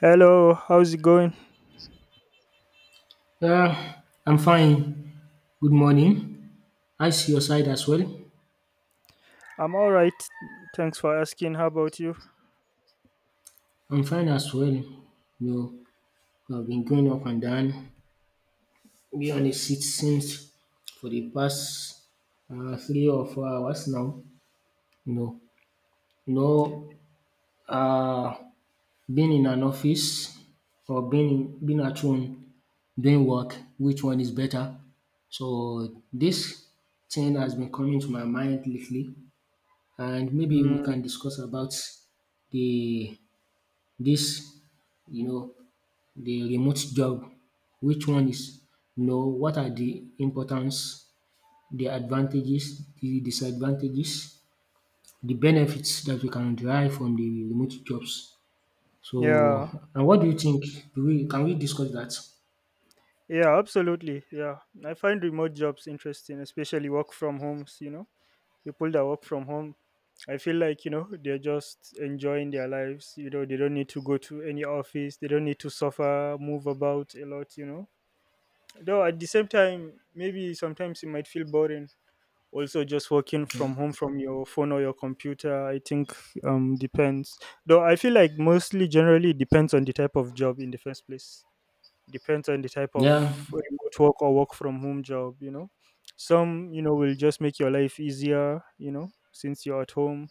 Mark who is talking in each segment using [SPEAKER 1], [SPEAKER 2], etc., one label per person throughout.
[SPEAKER 1] Hello, how's it going?
[SPEAKER 2] Uh, I'm fine. Good morning. I see your side as well?
[SPEAKER 1] I'm all right. Thanks for asking. How about you?
[SPEAKER 2] I'm fine as well. You know, I've been going up and down, be on the seat since for the past 3 or 4 hours now. You know, you uh, being in an office or being at home doing work, which one is better? So this thing has been coming to my mind lately. And maybe we can
[SPEAKER 1] Mm,
[SPEAKER 2] discuss about the this you know the remote job, which one is, what are the importance, the advantages, the disadvantages, the benefits that we can derive from the remote jobs. So,
[SPEAKER 1] yeah,
[SPEAKER 2] and what do you think, do we can we discuss that?
[SPEAKER 1] yeah, absolutely. Yeah, I find remote jobs interesting, especially work from homes. You know, people that work from home, I feel like they're just enjoying their lives. You know, they don't need to go to any office. They don't need to suffer, move about a lot. You know, though at the same time, maybe sometimes it might feel boring, also just working
[SPEAKER 2] Yeah,
[SPEAKER 1] from home from your phone or your computer, I think. Depends. Though I feel like, mostly, generally it depends on the type of job in the first place. Depends on the type of
[SPEAKER 2] yeah.
[SPEAKER 1] remote work or work from home job, some will just make your life easier, since you're at home,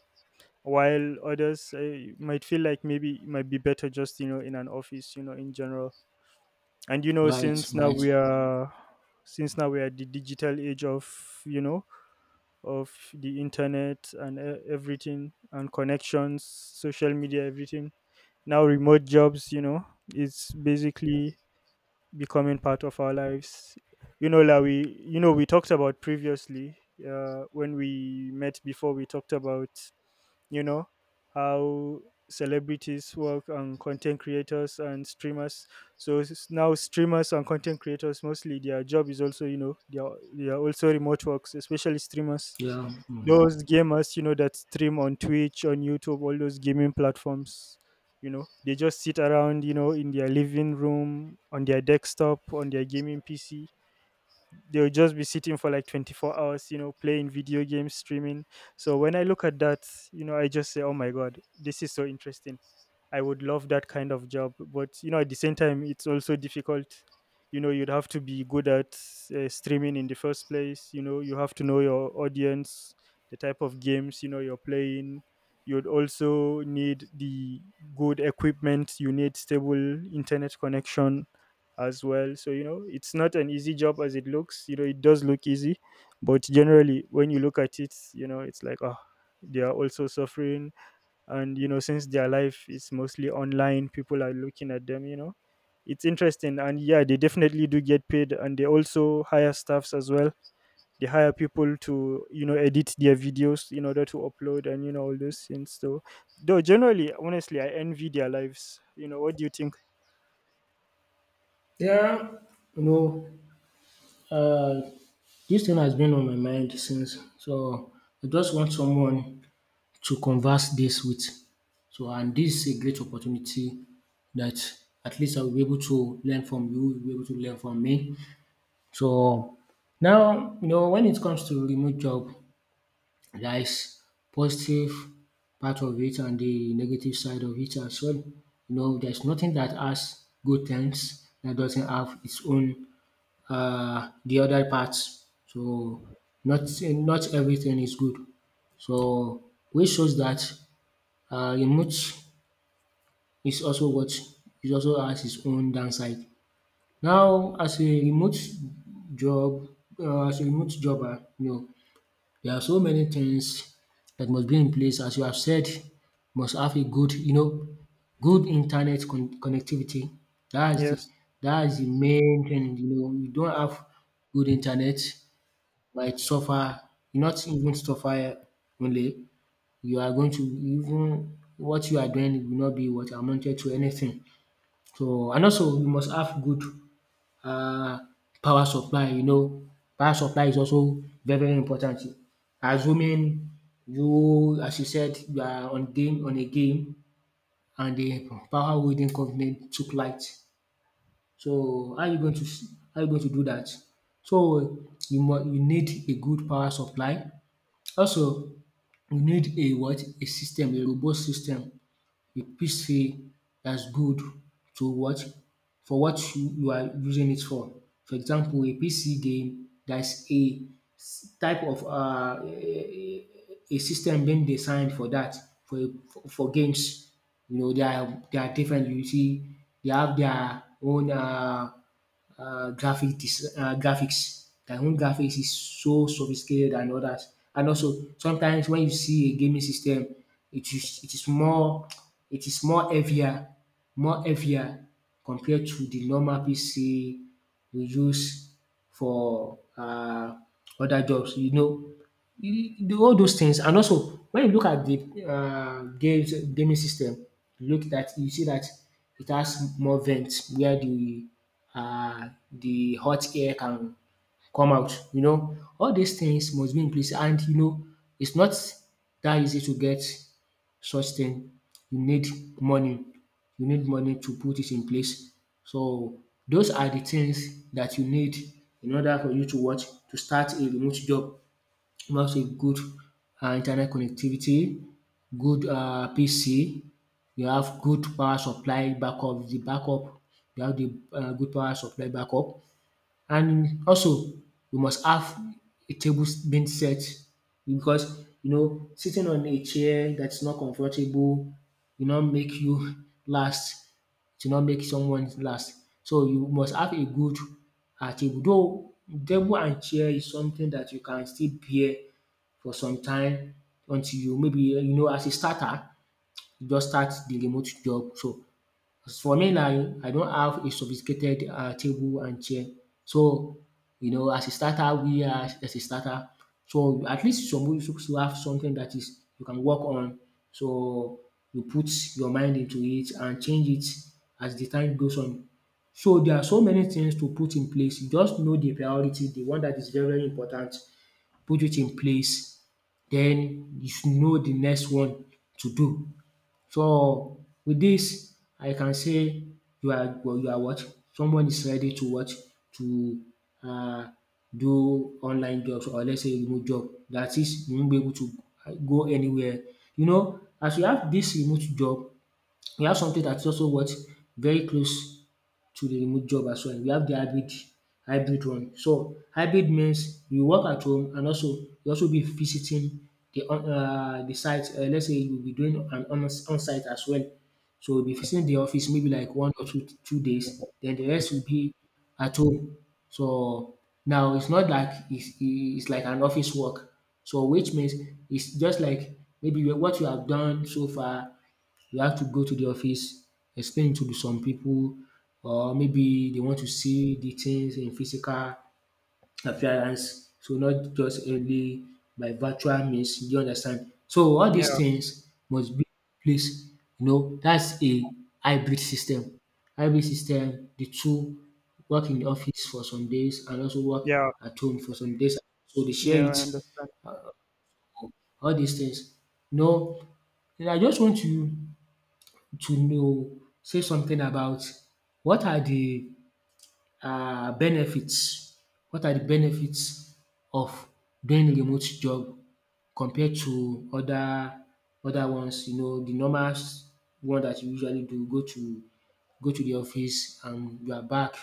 [SPEAKER 1] while others might feel like maybe it might be better just, in an office, in general. And
[SPEAKER 2] Right,
[SPEAKER 1] since now
[SPEAKER 2] right.
[SPEAKER 1] we are— since now we are the digital age of, you know of the internet and everything, and connections, social media, everything. Now, remote jobs, it's basically becoming part of our lives, like we, we talked about previously. When we met before, we talked about, you know how celebrities work, and content creators and streamers. So now, streamers and content creators, mostly their job is also, they are also remote works, especially streamers.
[SPEAKER 2] Yeah. Mm.
[SPEAKER 1] Those gamers, that stream on Twitch, on YouTube, all those gaming platforms, they just sit around, in their living room, on their desktop, on their gaming PC. They'll just be sitting for like 24 hours, playing video games, streaming. So when I look at that, I just say, oh my god, this is so interesting. I would love that kind of job. But at the same time, it's also difficult. You know, you'd have to be good at streaming in the first place. You know, you have to know your audience, the type of games you're playing. You'd also need the good equipment. You need stable internet connection as well. So it's not an easy job as it looks. You know, it does look easy, but generally, when you look at it, it's like, oh, they are also suffering. And since their life is mostly online, people are looking at them, it's interesting. And yeah, they definitely do get paid, and they also hire staffs as well. They hire people to, edit their videos in order to upload, and, all those things. So, though, generally, honestly, I envy their lives. You know what do you think?
[SPEAKER 2] Yeah, you know Uh, this thing has been on my mind since, so I just want someone to converse this with. So, and this is a great opportunity that at least I will be able to learn from you, you'll be able to learn from me. So now, you know, when it comes to remote job, there is positive part of it and the negative side of it as well. You know, there's nothing that has good things that doesn't have its own, the other parts. So not everything is good. So which shows that, remote is also what, it also has its own downside. Now, job, as a remote jobber, you know, there are so many things that must be in place as you have said, must have a good, good internet connectivity. That is the
[SPEAKER 1] Yes.
[SPEAKER 2] that is the main thing, you know. You don't have good internet, you might suffer, not even suffer only, you are going to, even what you are doing will not be what amounted to anything. So and also you must have good, uh, power supply, you know, power supply is also very very important. Assuming you, as you said, you are on game on a game and the power holding company took light. So how are you going to, how are you going to do that? So you need a good power supply. Also you need a what? A system, a robust system you fit, that's good, to what, for what you are using it for. For example, a PC game, that's a type of, a system being designed for that, for for games. You know, they are different. You see, they have their own graphics. Their own graphics is so sophisticated and others. And also sometimes when you see a gaming system, it is it is more it is more heavier, more heavier compared to the normal PC we use for other jobs. You know, do all those things. And also, when you look at the, games gaming system, you see that it has more vents where the hot air can come out. You know, all these things must be in place, and you know, it's not that easy to get such thing. You need money. You need money to put it in place. So those are the things that you need in order for you to watch, to start a remote job. You must a good, internet connectivity, good, PC, you have good power supply backup, the backup, you have the, good power supply backup, and also you must have a table being set because, you know, sitting on a chair that is not comfortable will not make you last. To not make someone last. So you must have a good, table, though table and chair is something that you can still bear for some time until you, maybe, you know, as a starter, you just start the remote job. So as for me now, I don't have a sophisticated, table and chair. So you know, as a starter, so at least some, you suppose to have something that is, you can work on. So you put your mind into it and change it as the time goes on. So there are so many things to put in place. You just know the priority, the one that is very very important, put it in place, then you should know the next one to do. So with this, I can say you are well, you are what, someone is ready to what, to, uh do online jobs, or let's say remote job, that is, you won't be able to, go anywhere. You know, as you have this remote job, we have something that is also what, very close to the remote job as well. We have the hybrid one. So hybrid means you work at home and also you also be visiting the, on the site, let's say you will be doing an, on on-site as well. So you'll be visiting the office maybe like one or two days, then the rest will be at home. So now it's not like, it's like an office work. So which means, it's just like, maybe what you have done so far, you have to go to the office, explain to some people, or maybe they want to see the things in physical appearance. So, not just only by virtual means. You understand? So all these
[SPEAKER 1] Yeah.
[SPEAKER 2] things must be in place. You know, that's a hybrid system. Hybrid system, the two, work in the office for some days and also work
[SPEAKER 1] Yeah,
[SPEAKER 2] at home for some days. So they share
[SPEAKER 1] yeah,
[SPEAKER 2] it,
[SPEAKER 1] I understand.
[SPEAKER 2] all these things. No, and I just want to know, say something about what are the, benefits, what are the benefits of doing remote job compared to other ones, you know, the normal, one that you usually do, go to the office and you are back.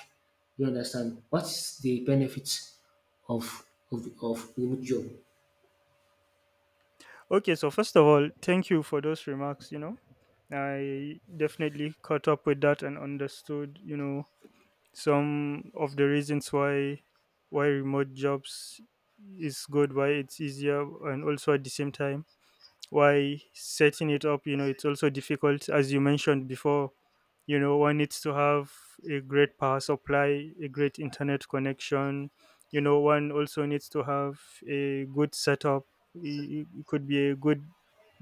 [SPEAKER 2] You understand? What's the benefits of, of remote job?
[SPEAKER 1] Okay, so first of all, thank you for those remarks. You know, I definitely caught up with that and understood, some of the reasons why remote jobs is good, why it's easier, and also at the same time, why setting it up, it's also difficult as you mentioned before. You know, one needs to have a great power supply, a great internet connection. You know, one also needs to have a good setup. It could be a good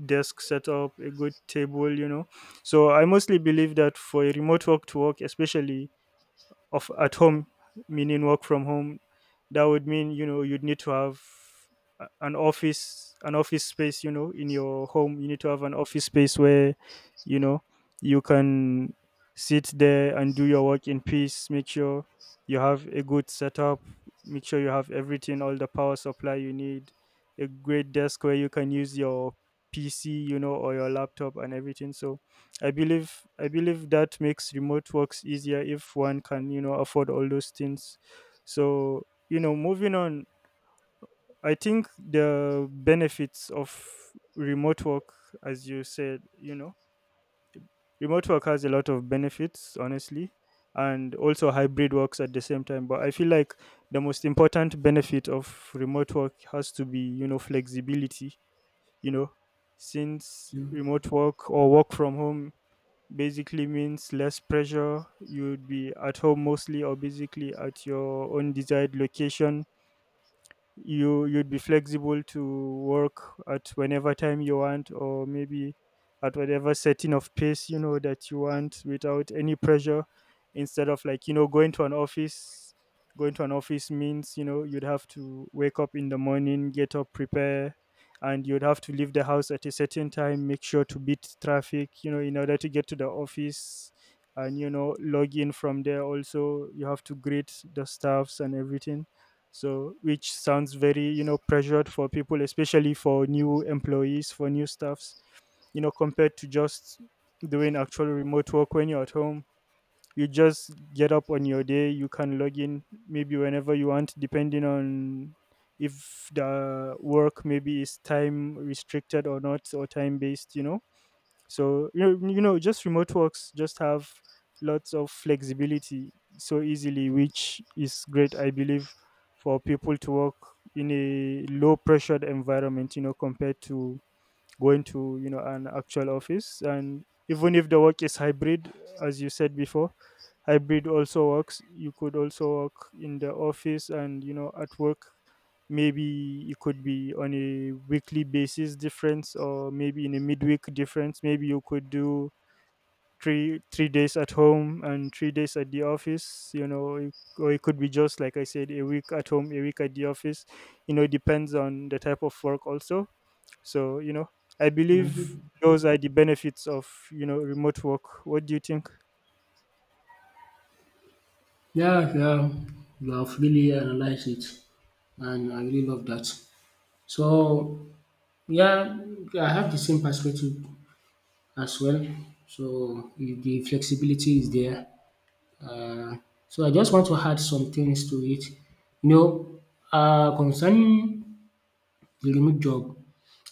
[SPEAKER 1] desk setup, a good table, you know. So I mostly believe that for a remote work to work, especially of at home, meaning work from home, that would mean, you'd need to have an office, an office space, in your home. You need to have an office space where, you know you can sit there and do your work in peace. Make sure you have a good setup. Make sure you have everything, all the power supply you need, a great desk where you can use your PC, or your laptop, and everything. So I believe that makes remote works easier, if one can, afford all those things. So, moving on, I think the benefits of remote work, as you said, remote work has a lot of benefits, honestly, and also hybrid works at the same time. But I feel like the most important benefit of remote work has to be, flexibility. You know, since
[SPEAKER 2] Yeah,
[SPEAKER 1] remote work or work from home basically means less pressure. You'd be at home mostly, or basically at your own desired location. You'd be flexible to work at whenever time you want, or maybe at whatever setting of pace, that you want, without any pressure, instead of, like, going to an office. Going to an office means, you'd have to wake up in the morning, get up, prepare, and you'd have to leave the house at a certain time, make sure to beat traffic, in order to get to the office. And, log in from there. Also you have to greet the staffs and everything, so, which sounds very, pressured for people, especially for new employees, for new staffs, compared to just doing actual remote work when you're at home. You just get up on your day, you can log in maybe whenever you want, depending on if the work maybe is time restricted or not, or time based, you know. So, just remote works just have lots of flexibility so easily, which is great. I believe for people to work in a low pressured environment, compared to going to, an actual office. And even if the work is hybrid, as you said before, hybrid also works. You could also work in the office and, at work, maybe it could be on a weekly basis difference, or maybe in a midweek difference. Maybe you could do three days at home and 3 days at the office, it— or it could be just like I said, a week at home, a week at the office. You know, it depends on the type of work also. So, I
[SPEAKER 2] yeah,
[SPEAKER 1] believe those are the benefits of, remote work. What do you think?
[SPEAKER 2] yeah, yeah. You have really analyzed it, and I really love that. So, yeah, I have the same perspective as well. So if the flexibility is there. Uh, so I just want to add some things to it. You know, concerning the remote job,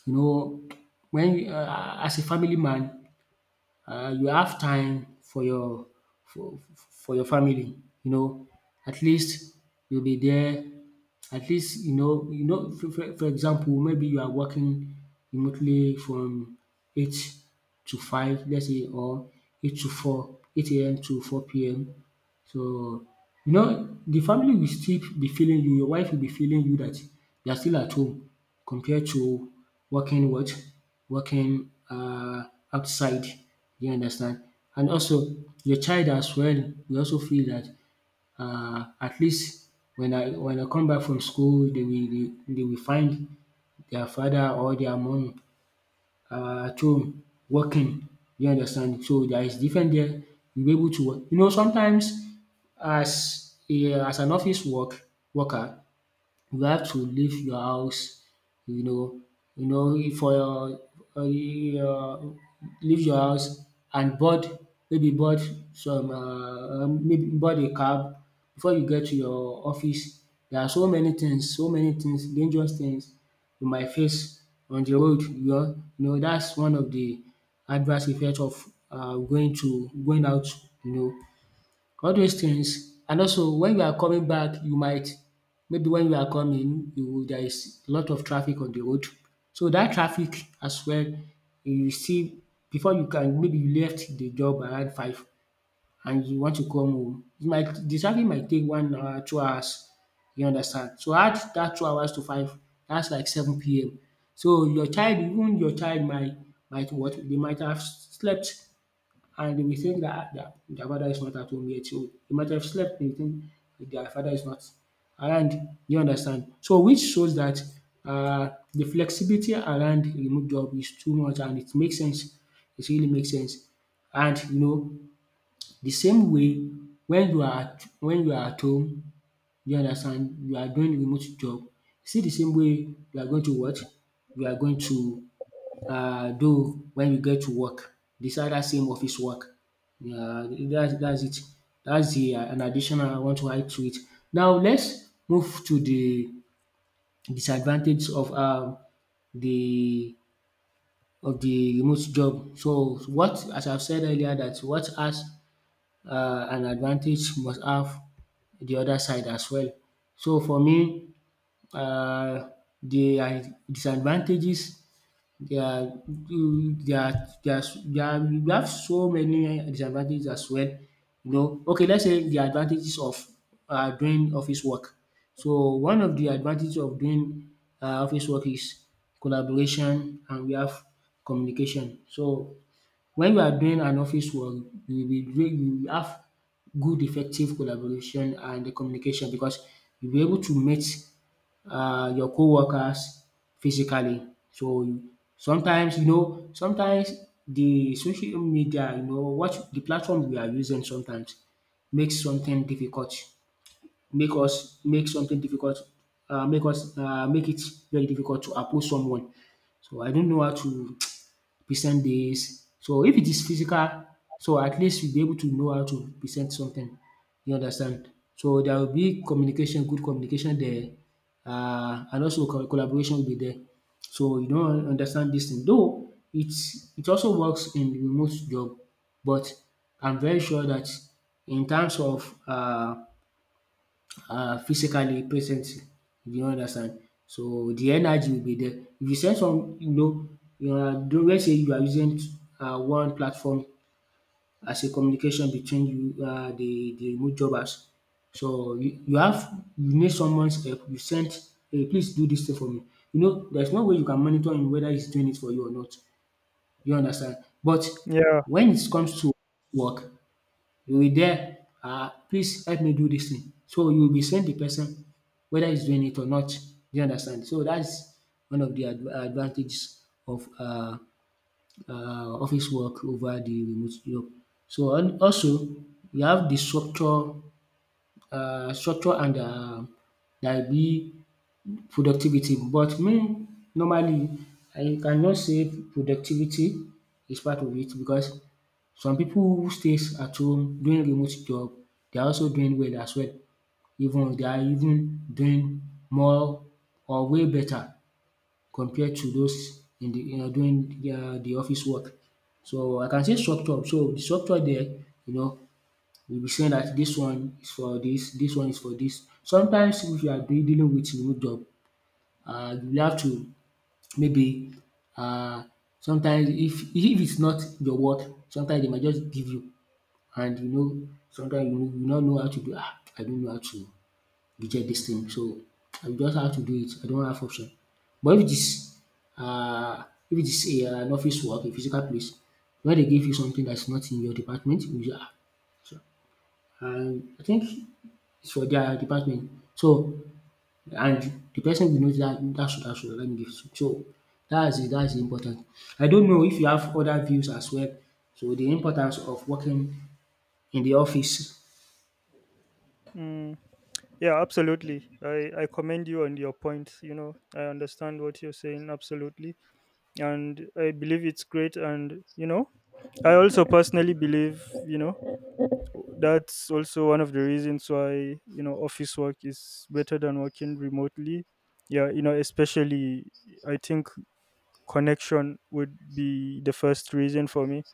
[SPEAKER 2] you know, when, as a family man, you have time for your, for your family, you know. At least you'll be there, at least you know for example, maybe you are working remotely from 8 to 5, let's say, or 8 to 4, 8 a.m. to four PM. So you know the family will still be feeling you, your wife will be feeling you that you are still at home compared to working what? Working, outside. You understand? And also your child as well will also feel that, at least when I come back from school, they will find their father or their mom, at home working. You understand? So there is different there, you'll be able to work. You know, sometimes as a as an office worker, you have to leave your house, you know, you know if for your you, leave your house and board maybe board some maybe board a cab before you get to your office. There are so many things, dangerous things you might face on the road. You know, that's one of the adverse effect of, going out, you know. All those things, and also when you are coming back, you might maybe when you are coming, you there is a lot of traffic on the road, so that traffic as well, you see, before you can, maybe you left the job around 5 and you want to come home, you might the traffic might take 1 hour, 2 hours, you understand. So add that 2 hours to 5, that's like 7 p.m., so your child, might, what, they might have slept, and they will think that their father is not at home yet. So they might have slept, they think their father is not around. You understand? So which shows that, the flexibility around remote job is too much and it makes sense. It really makes sense. And you know the same way, when you are at home, you understand, you are doing remote job. See, the same way you are going to what? You are going to, do when you get to work beside dat same office work. Yeah, that's it. Dats de an additional I want to add to it. Now let's move to the disadvantage of, the the remote job. So what, as I've said earlier, that what has, an advantage, must have the other side as well. So for me, um de disadvantages, they are you they are they are they are you have so many disadvantages as well, you know. Okay, let's say the advantages of doing office work. So one of the advantages of doing office work is collaboration, and we have communication. So when you are doing an office work, you will have good effective collaboration and communication because you'll be able to meet your co-workers physically. So sometimes, the social media, you know, what the platform we are using, sometimes makes something difficult, make us make something difficult make us make it very difficult to approach someone. So I don't know how to present this. So if it is physical, so at least you'll be able to know how to present something. You understand? So there will be communication, good communication there, and also co collaboration will be there. So you don understand this thing, though it also works in remote job, but I'm very sure that in terms of physically present, if you understand. So the energy will be there. If you send some, you know, you are, let's say you are using one platform as a communication between you, the remote jobbers. So you have, you need someone's help, you sent, “Hey, please do this thing for me.” You know, there's no way you can monitor him whether he's doing it for you or not, you understand. But
[SPEAKER 1] Yeah.
[SPEAKER 2] when it comes to work, you will there, ah, “please help me do this thing,” so you will be send the person whether he's doing it or not. Do you understand? So that's one of the ad advantages of office work over the remote job. So and also, you have the structure, structure, and there will be productivity. But me, normally, I cannot say productivity is part of it, because some people who stays at home doing remote job, they are also doing well as well. Even they are even doing more or way better compared to those in the, you know, doing the office work. So I can say structure. So the structure there, you know, will be saying that this one is for this, this one is for this. Sometimes if you are dealing with remote job, you will have to maybe, um sometimes, if it's not your word, sometimes they might just give you, and you know sometimes you not know how to do. Ah, I don't know how to reject this thing, so I just have to do it, I don't have option. But if it is, if it is a, an office work, a physical place, where they give you something that's not in your department, you just, ah, so, I think it's for their department, so, and the person will notice that that should let me be. So that's the, that's important. I don't know if you have other views as well. So the importance of working in the office.
[SPEAKER 1] Mm. Yeah, absolutely. I commend you on your point. You know, I understand what you're saying. Absolutely. And I believe it's great. And, I also personally believe, that's also one of the reasons why, office work is better than working remotely. Yeah. You know, especially, I think connection would be the first reason for me.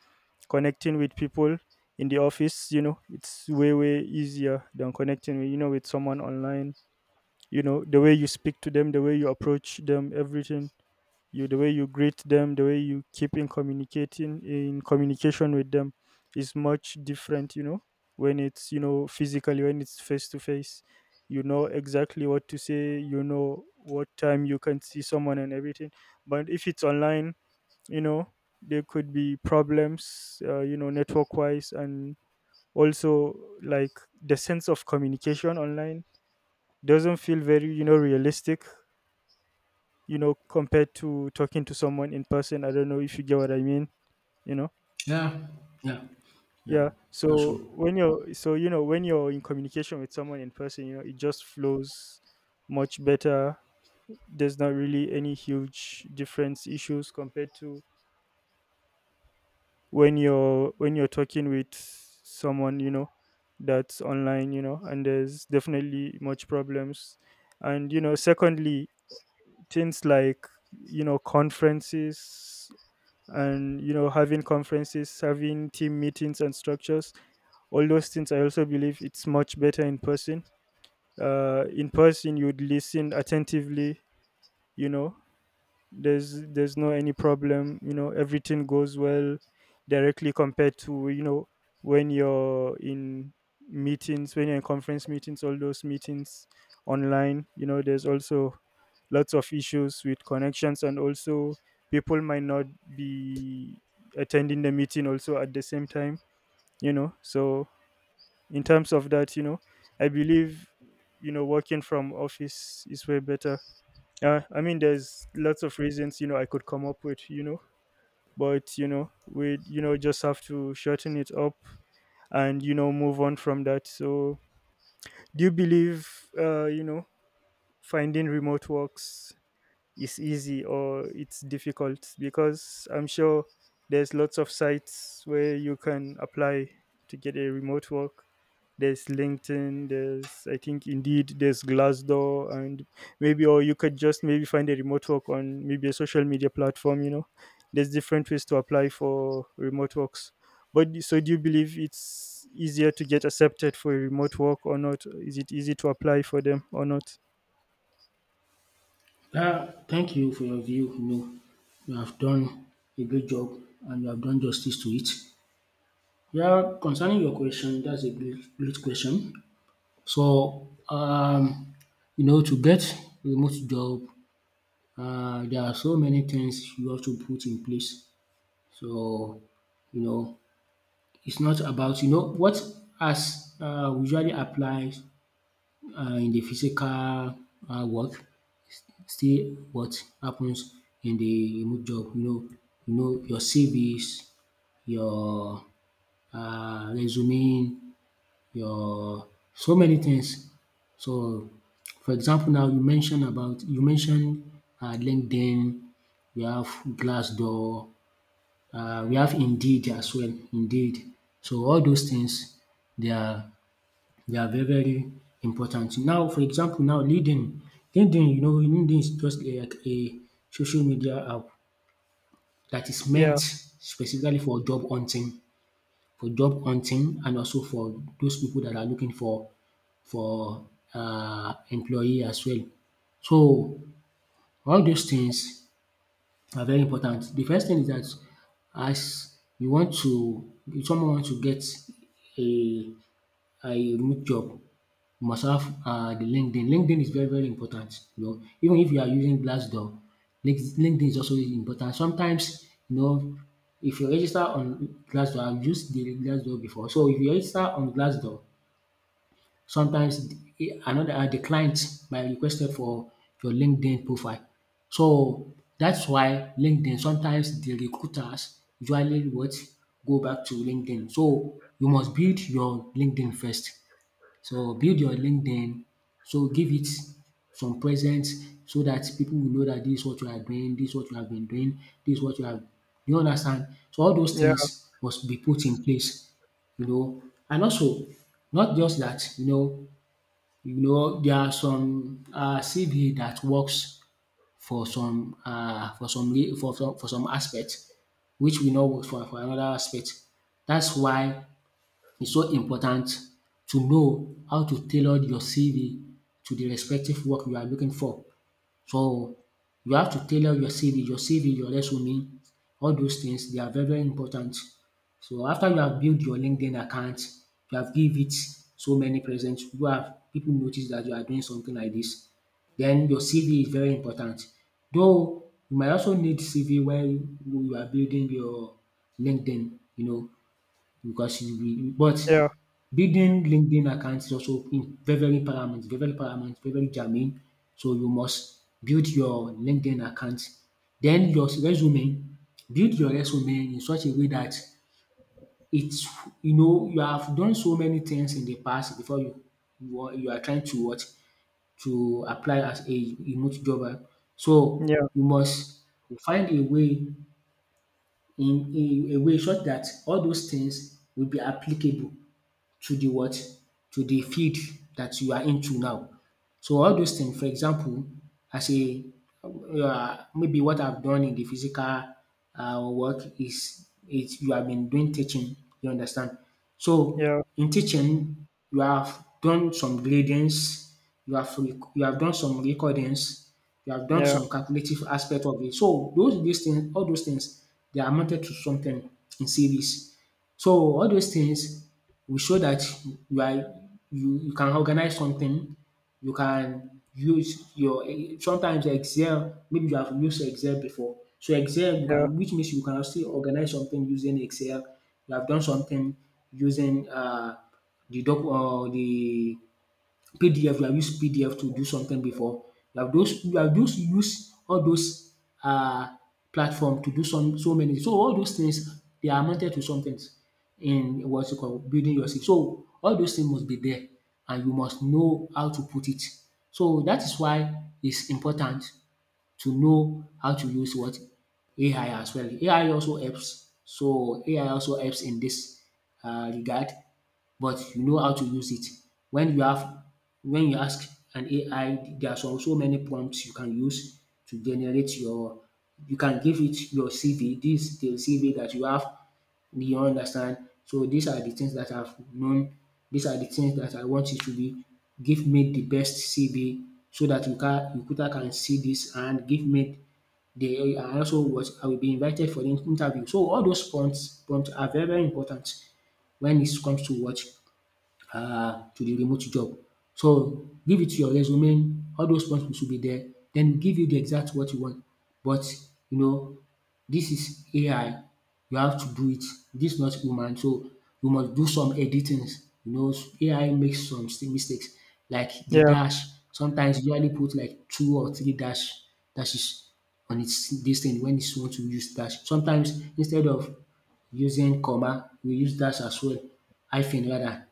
[SPEAKER 1] Connecting with people in the office, it's way easier than connecting with, with someone online. You know, the way you speak to them, the way you approach them, everything, you, the way you greet them, the way you keep in communicating, in communication with them, is much different. You know, when it's, physically, when it's face to face, you know exactly what to say. You know what time you can see someone, and everything. But if it's online, you know there could be problems, network wise. And also, like, the sense of communication online doesn't feel very, realistic. You know, compared to talking to someone in person. I don't know if you get what I mean, you know.
[SPEAKER 2] Yeah, yeah, yeah,
[SPEAKER 1] Yeah.
[SPEAKER 2] that's true.
[SPEAKER 1] So when you're— so, when you're in communication with someone in person, it just flows much better. There's not really any huge difference issues, compared to when you're talking with someone, that's online. You know, and there's definitely much problems. And secondly, things like, conferences, and, having conferences, having team meetings and structures, all those things, I also believe it's much better in person. In person you'd listen attentively. You know, there's no any problem. You know, everything goes well directly, compared to, when you're in meetings, when you're in conference meetings, all those meetings online, there's also lots of issues with connections. And also, people might not be attending the meeting also at the same time, you know. So in terms of that, I believe, working from office is way better. I mean, there's lots of reasons, I could come up with, but, we, just have to shorten it up, and, move on from that. So, do you believe, uh, you know, finding remote works is easy, or it's difficult? Because I'm sure there's lots of sites where you can apply to get a remote work. There's LinkedIn, there's, I think, Indeed, there's Glassdoor, and maybe, or you could just maybe find a remote work on maybe a social media platform, you know. There's different ways to apply for remote works. But so, do you believe it's easier to get accepted for a remote work or not? Is it easy to apply for them or not?
[SPEAKER 2] Yeah, thank you for your view. You know, you have done a great job, and you have done justice to it. Yeah, concerning your question, that's a great question. So you know, to get remote job, uh, there are so many things you have to put in place. So, you know, it's not about, you know, what as, usually applies, in the physical, work, still what happens in the remote job. You know, you know, your CVs, your, resume, your so many things. So for example, now, you mention LinkedIn, we have Glassdoor, we have Indeed as well, Indeed. So all those things, they are, they are very, very important. Now for example, now LinkedIn, LinkedIn, you know, LinkedIn is just like a social media app that is
[SPEAKER 1] Yeah.
[SPEAKER 2] meant specifically for job hunting, for job hunting, and also for those people that are looking for, employee as well. So all those things are very important. The first thing is that, as you want to, if someone wants to get a, I looked up. You must have, the LinkedIn. LinkedIn is very, very important. You know, even if you are using Glassdoor, LinkedIn is also important. Sometimes, you know, if you register on Glassdoor, I've used the Glassdoor before. So if you register on Glassdoor, sometimes another, the client might request it for your LinkedIn profile. So that's why LinkedIn, sometimes the recruiters usually what, go back to LinkedIn. So you must build your LinkedIn first. So build your LinkedIn, so give it some presence, so that people will know that this is what you are doing, this is what you have been doing, this is what you have, you understand. So all those
[SPEAKER 1] Yeah,
[SPEAKER 2] things must be put in place, you know. And also, not just that, you know, you know there are some CV that works for some for some for some, for some aspect, which we know works for another aspect. That's why it's so important to know how to tailor your CV to the respective work you are looking for. So you have to tailor your CV, your CV, your resume, all those things, they are very, very important. So after you have built your LinkedIn account, you have give it so many presents, you have people notice that you are doing something like this. Then your CV is very important. Though you might also need CV while you are building your LinkedIn, you know, because you will but,
[SPEAKER 1] yeah,
[SPEAKER 2] building LinkedIn account is also im very, very paramount, very very germane, so you must build your LinkedIn account. Then your resume, build your resume in such a way that it's, you know, you have done so many things in the past, before you, you are trying to what, to apply as a remote jobber. So
[SPEAKER 1] yeah,
[SPEAKER 2] you must find a way, in a way such that all those things will be applicable to the what? To the field that you are into now. So all those things. For example, as a, maybe what I've done in the physical, work is you have been doing teaching, you understand. So
[SPEAKER 1] yeah.
[SPEAKER 2] in teaching, you have done some gradings, you have you have done some recordings, you have done
[SPEAKER 1] Yeah,
[SPEAKER 2] some calculative aspect of it. So those, these things, all those things, they are amounted to something in series. So, all those things will show that you are, you can organize something, you can use your sometimes Excel, maybe you have used Excel before. So Excel, you
[SPEAKER 1] yeah,
[SPEAKER 2] can, which means you can still organize something using Excel. You have done something using the PDF, you have used PDF to do something before. You have those, you have just used all those um platform to do some, so many. So all those things, they are amounted to somethings in what you call building your skill. So all those things must be there, and you must know how to put it. So that is why it's important to know how to use what, AI as well. AI also helps. So AI also helps in this regard, but you know how to use it. When you have, when you ask an AI, there are some, so many prompts you can use to generate your, you can give it your CV. This is the CV that you have, do you understand? So these are the things that I've known. These are the things that I want you to be. Give me the best CV, so that you can recruiter can see this, and give me the, and also what, I will be invited for the interview. So all those points are very, very important when it comes to what, to the remote job. So give it to your resume, all those ones should be there, then give you the exact what you want. But, you know, this is AI, you have to do it, this not human, so you must do some editings. You know, AI makes some mistakes, like the
[SPEAKER 1] yeah.
[SPEAKER 2] dash, sometimes you usually put like two or three dashes on its this thing, when it's want to use dash. Sometimes instead of using comma, we use dash as well, hyphen rather,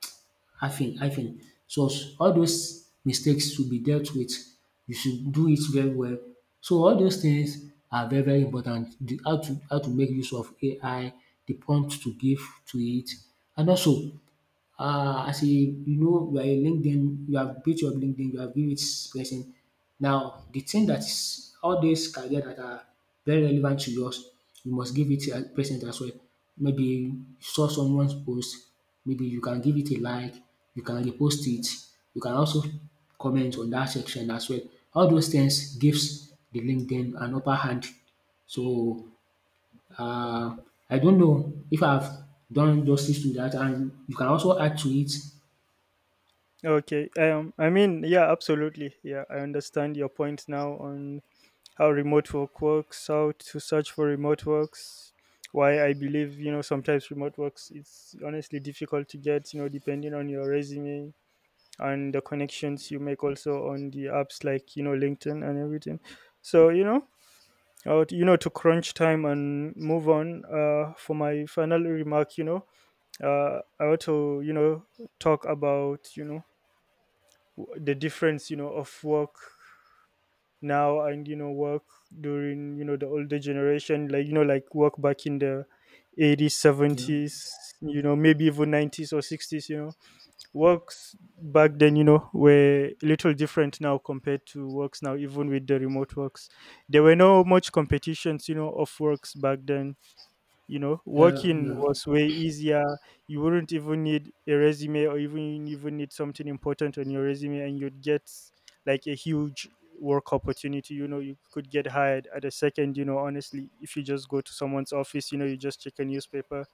[SPEAKER 2] hyphen. So all those mistakes should be dealt with. You should do it very well. So all those things are very, very important. The how to make use of AI, the prompt to give to it, and also, as a, you know, you are a LinkedIn, you have built your LinkedIn, you have built it person. Now the thing that is, all these career that are very relevant to yours, you must give it a present as well. Maybe you saw someone's post, maybe you can give it a like, you can repost it, you can also comment on that section as well. All those things gives the LinkedIn an upper hand. So, uh, I don't know if I've done justice to that, and you can also add to it.
[SPEAKER 1] Okay. I mean, yeah, absolutely. Yeah, I understand your point now on how remote work works, how to search for remote works, why I believe, sometimes remote works, it's honestly difficult to get, depending on your resume and the connections you make also, on the apps like, LinkedIn and everything. So, to crunch time and move on. For my final remark, I want to, talk about, the difference, of work now, and work during, the older generation, like, like work back in the 80s,
[SPEAKER 2] Yeah,
[SPEAKER 1] 70s, maybe even 90s or 60s, you know. Works back then, were a little different now compared to works now. Even with the remote works, there were no much competitions, of works back then. You know,
[SPEAKER 2] yeah,
[SPEAKER 1] working
[SPEAKER 2] yeah,
[SPEAKER 1] was way easier. You wouldn't even need a resume, or even need something important on your resume, and you'd get like a huge work opportunity. You know, you could get hired at a second, honestly. If you just go to someone's office, you just check a newspaper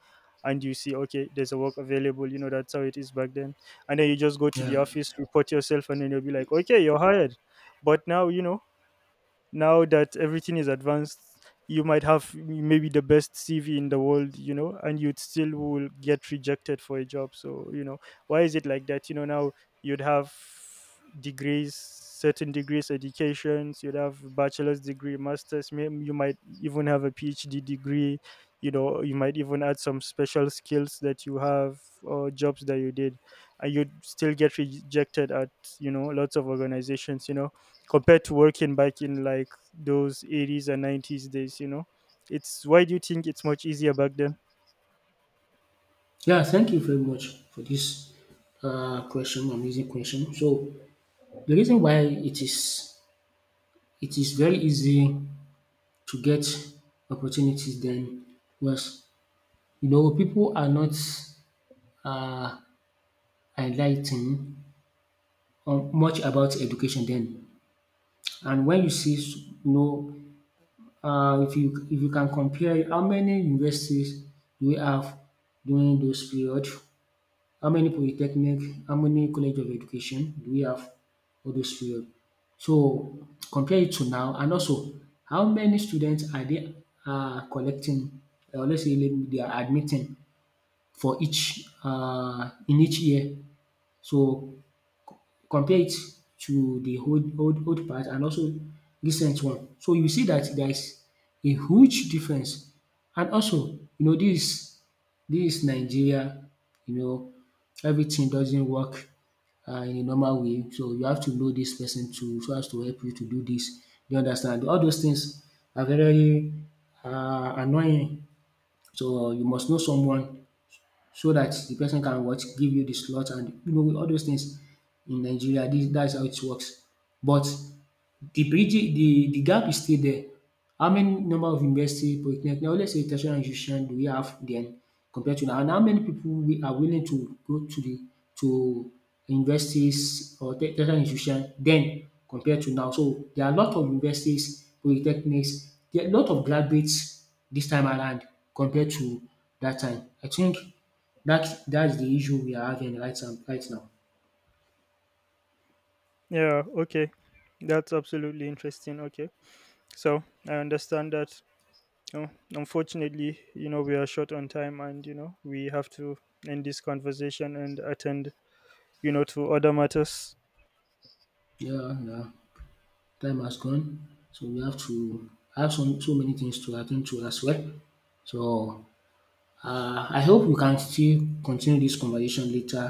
[SPEAKER 1] and you see, okay, there's a work available, you know. That's how it is back then. And then you just go to the
[SPEAKER 2] yeah.
[SPEAKER 1] office, report yourself, and then you'll be like, okay, you're hired. But now, now that everything is advanced, you might have maybe the best CV in the world, and you'd still will get rejected for a job. So, why is it like that, now? You'd have degrees certain degrees, educations. You'd have bachelor's degree, master's, you might even have a PhD degree, you know. You might even add some special skills that you have, or jobs that you did, and you'd still get rejected at, lots of organizations. You know, compared to working back in like those 80s and 90s days, it's— why do you think it's much easier back then?
[SPEAKER 2] Yeah, thank you very much for this, question, amazing question. So the reason why it is very easy to get opportunities then was, you know, people are not, uh, enligh ten much about education then, and when you see you know, uh, if you, if you can compare how many universities do we have during those period, how many polytechnic, how many college of education do we have all those period. So compare it to now, and also, how many students are they collecting, or let's say they are admitting for each, in each year. So compare it to the old, old part, and also recent one. So you see that there is a huge difference. And also, you know, this Nigeria, you know, everything doesn't work in a normal way, so you have to know this person to, so as to help you to do this. You understand? All those things are very annoying, so you must know someone, so that the person can what? Give you the slot, and you know, all those things in Nigeria, this, that's how it works. But the bridge, the gap is still there. How many number of university, polytechnic now, let's say tertiary institution, do we have then compared to now, and how many people we are willing to go to the, to universities or tertiary institution then compared to now. So there are a lot of universities, polytechnics, there are a lot of graduates this time around compared to that time. I think that's the issue we are having right now, right now.
[SPEAKER 1] Yeah, okay, that's absolutely interesting. Okay. So I understand that. Oh, unfortunately, we are short on time, and we have to end this conversation and attend, to other matters.
[SPEAKER 2] Yeah, yeah. Time has gone, so we have to have some, so many things to attend to as well. So, I hope we can still continue this conversation later,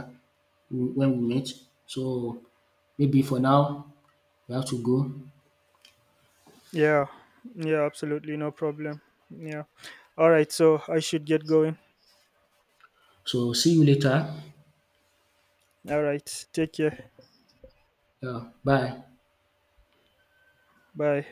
[SPEAKER 2] when we meet. So maybe for now we have to go.
[SPEAKER 1] Yeah. Yeah, absolutely, no problem. Yeah. All right, so I should get going.
[SPEAKER 2] So see you later.
[SPEAKER 1] All right, take care.
[SPEAKER 2] Yeah, bye.
[SPEAKER 1] Bye.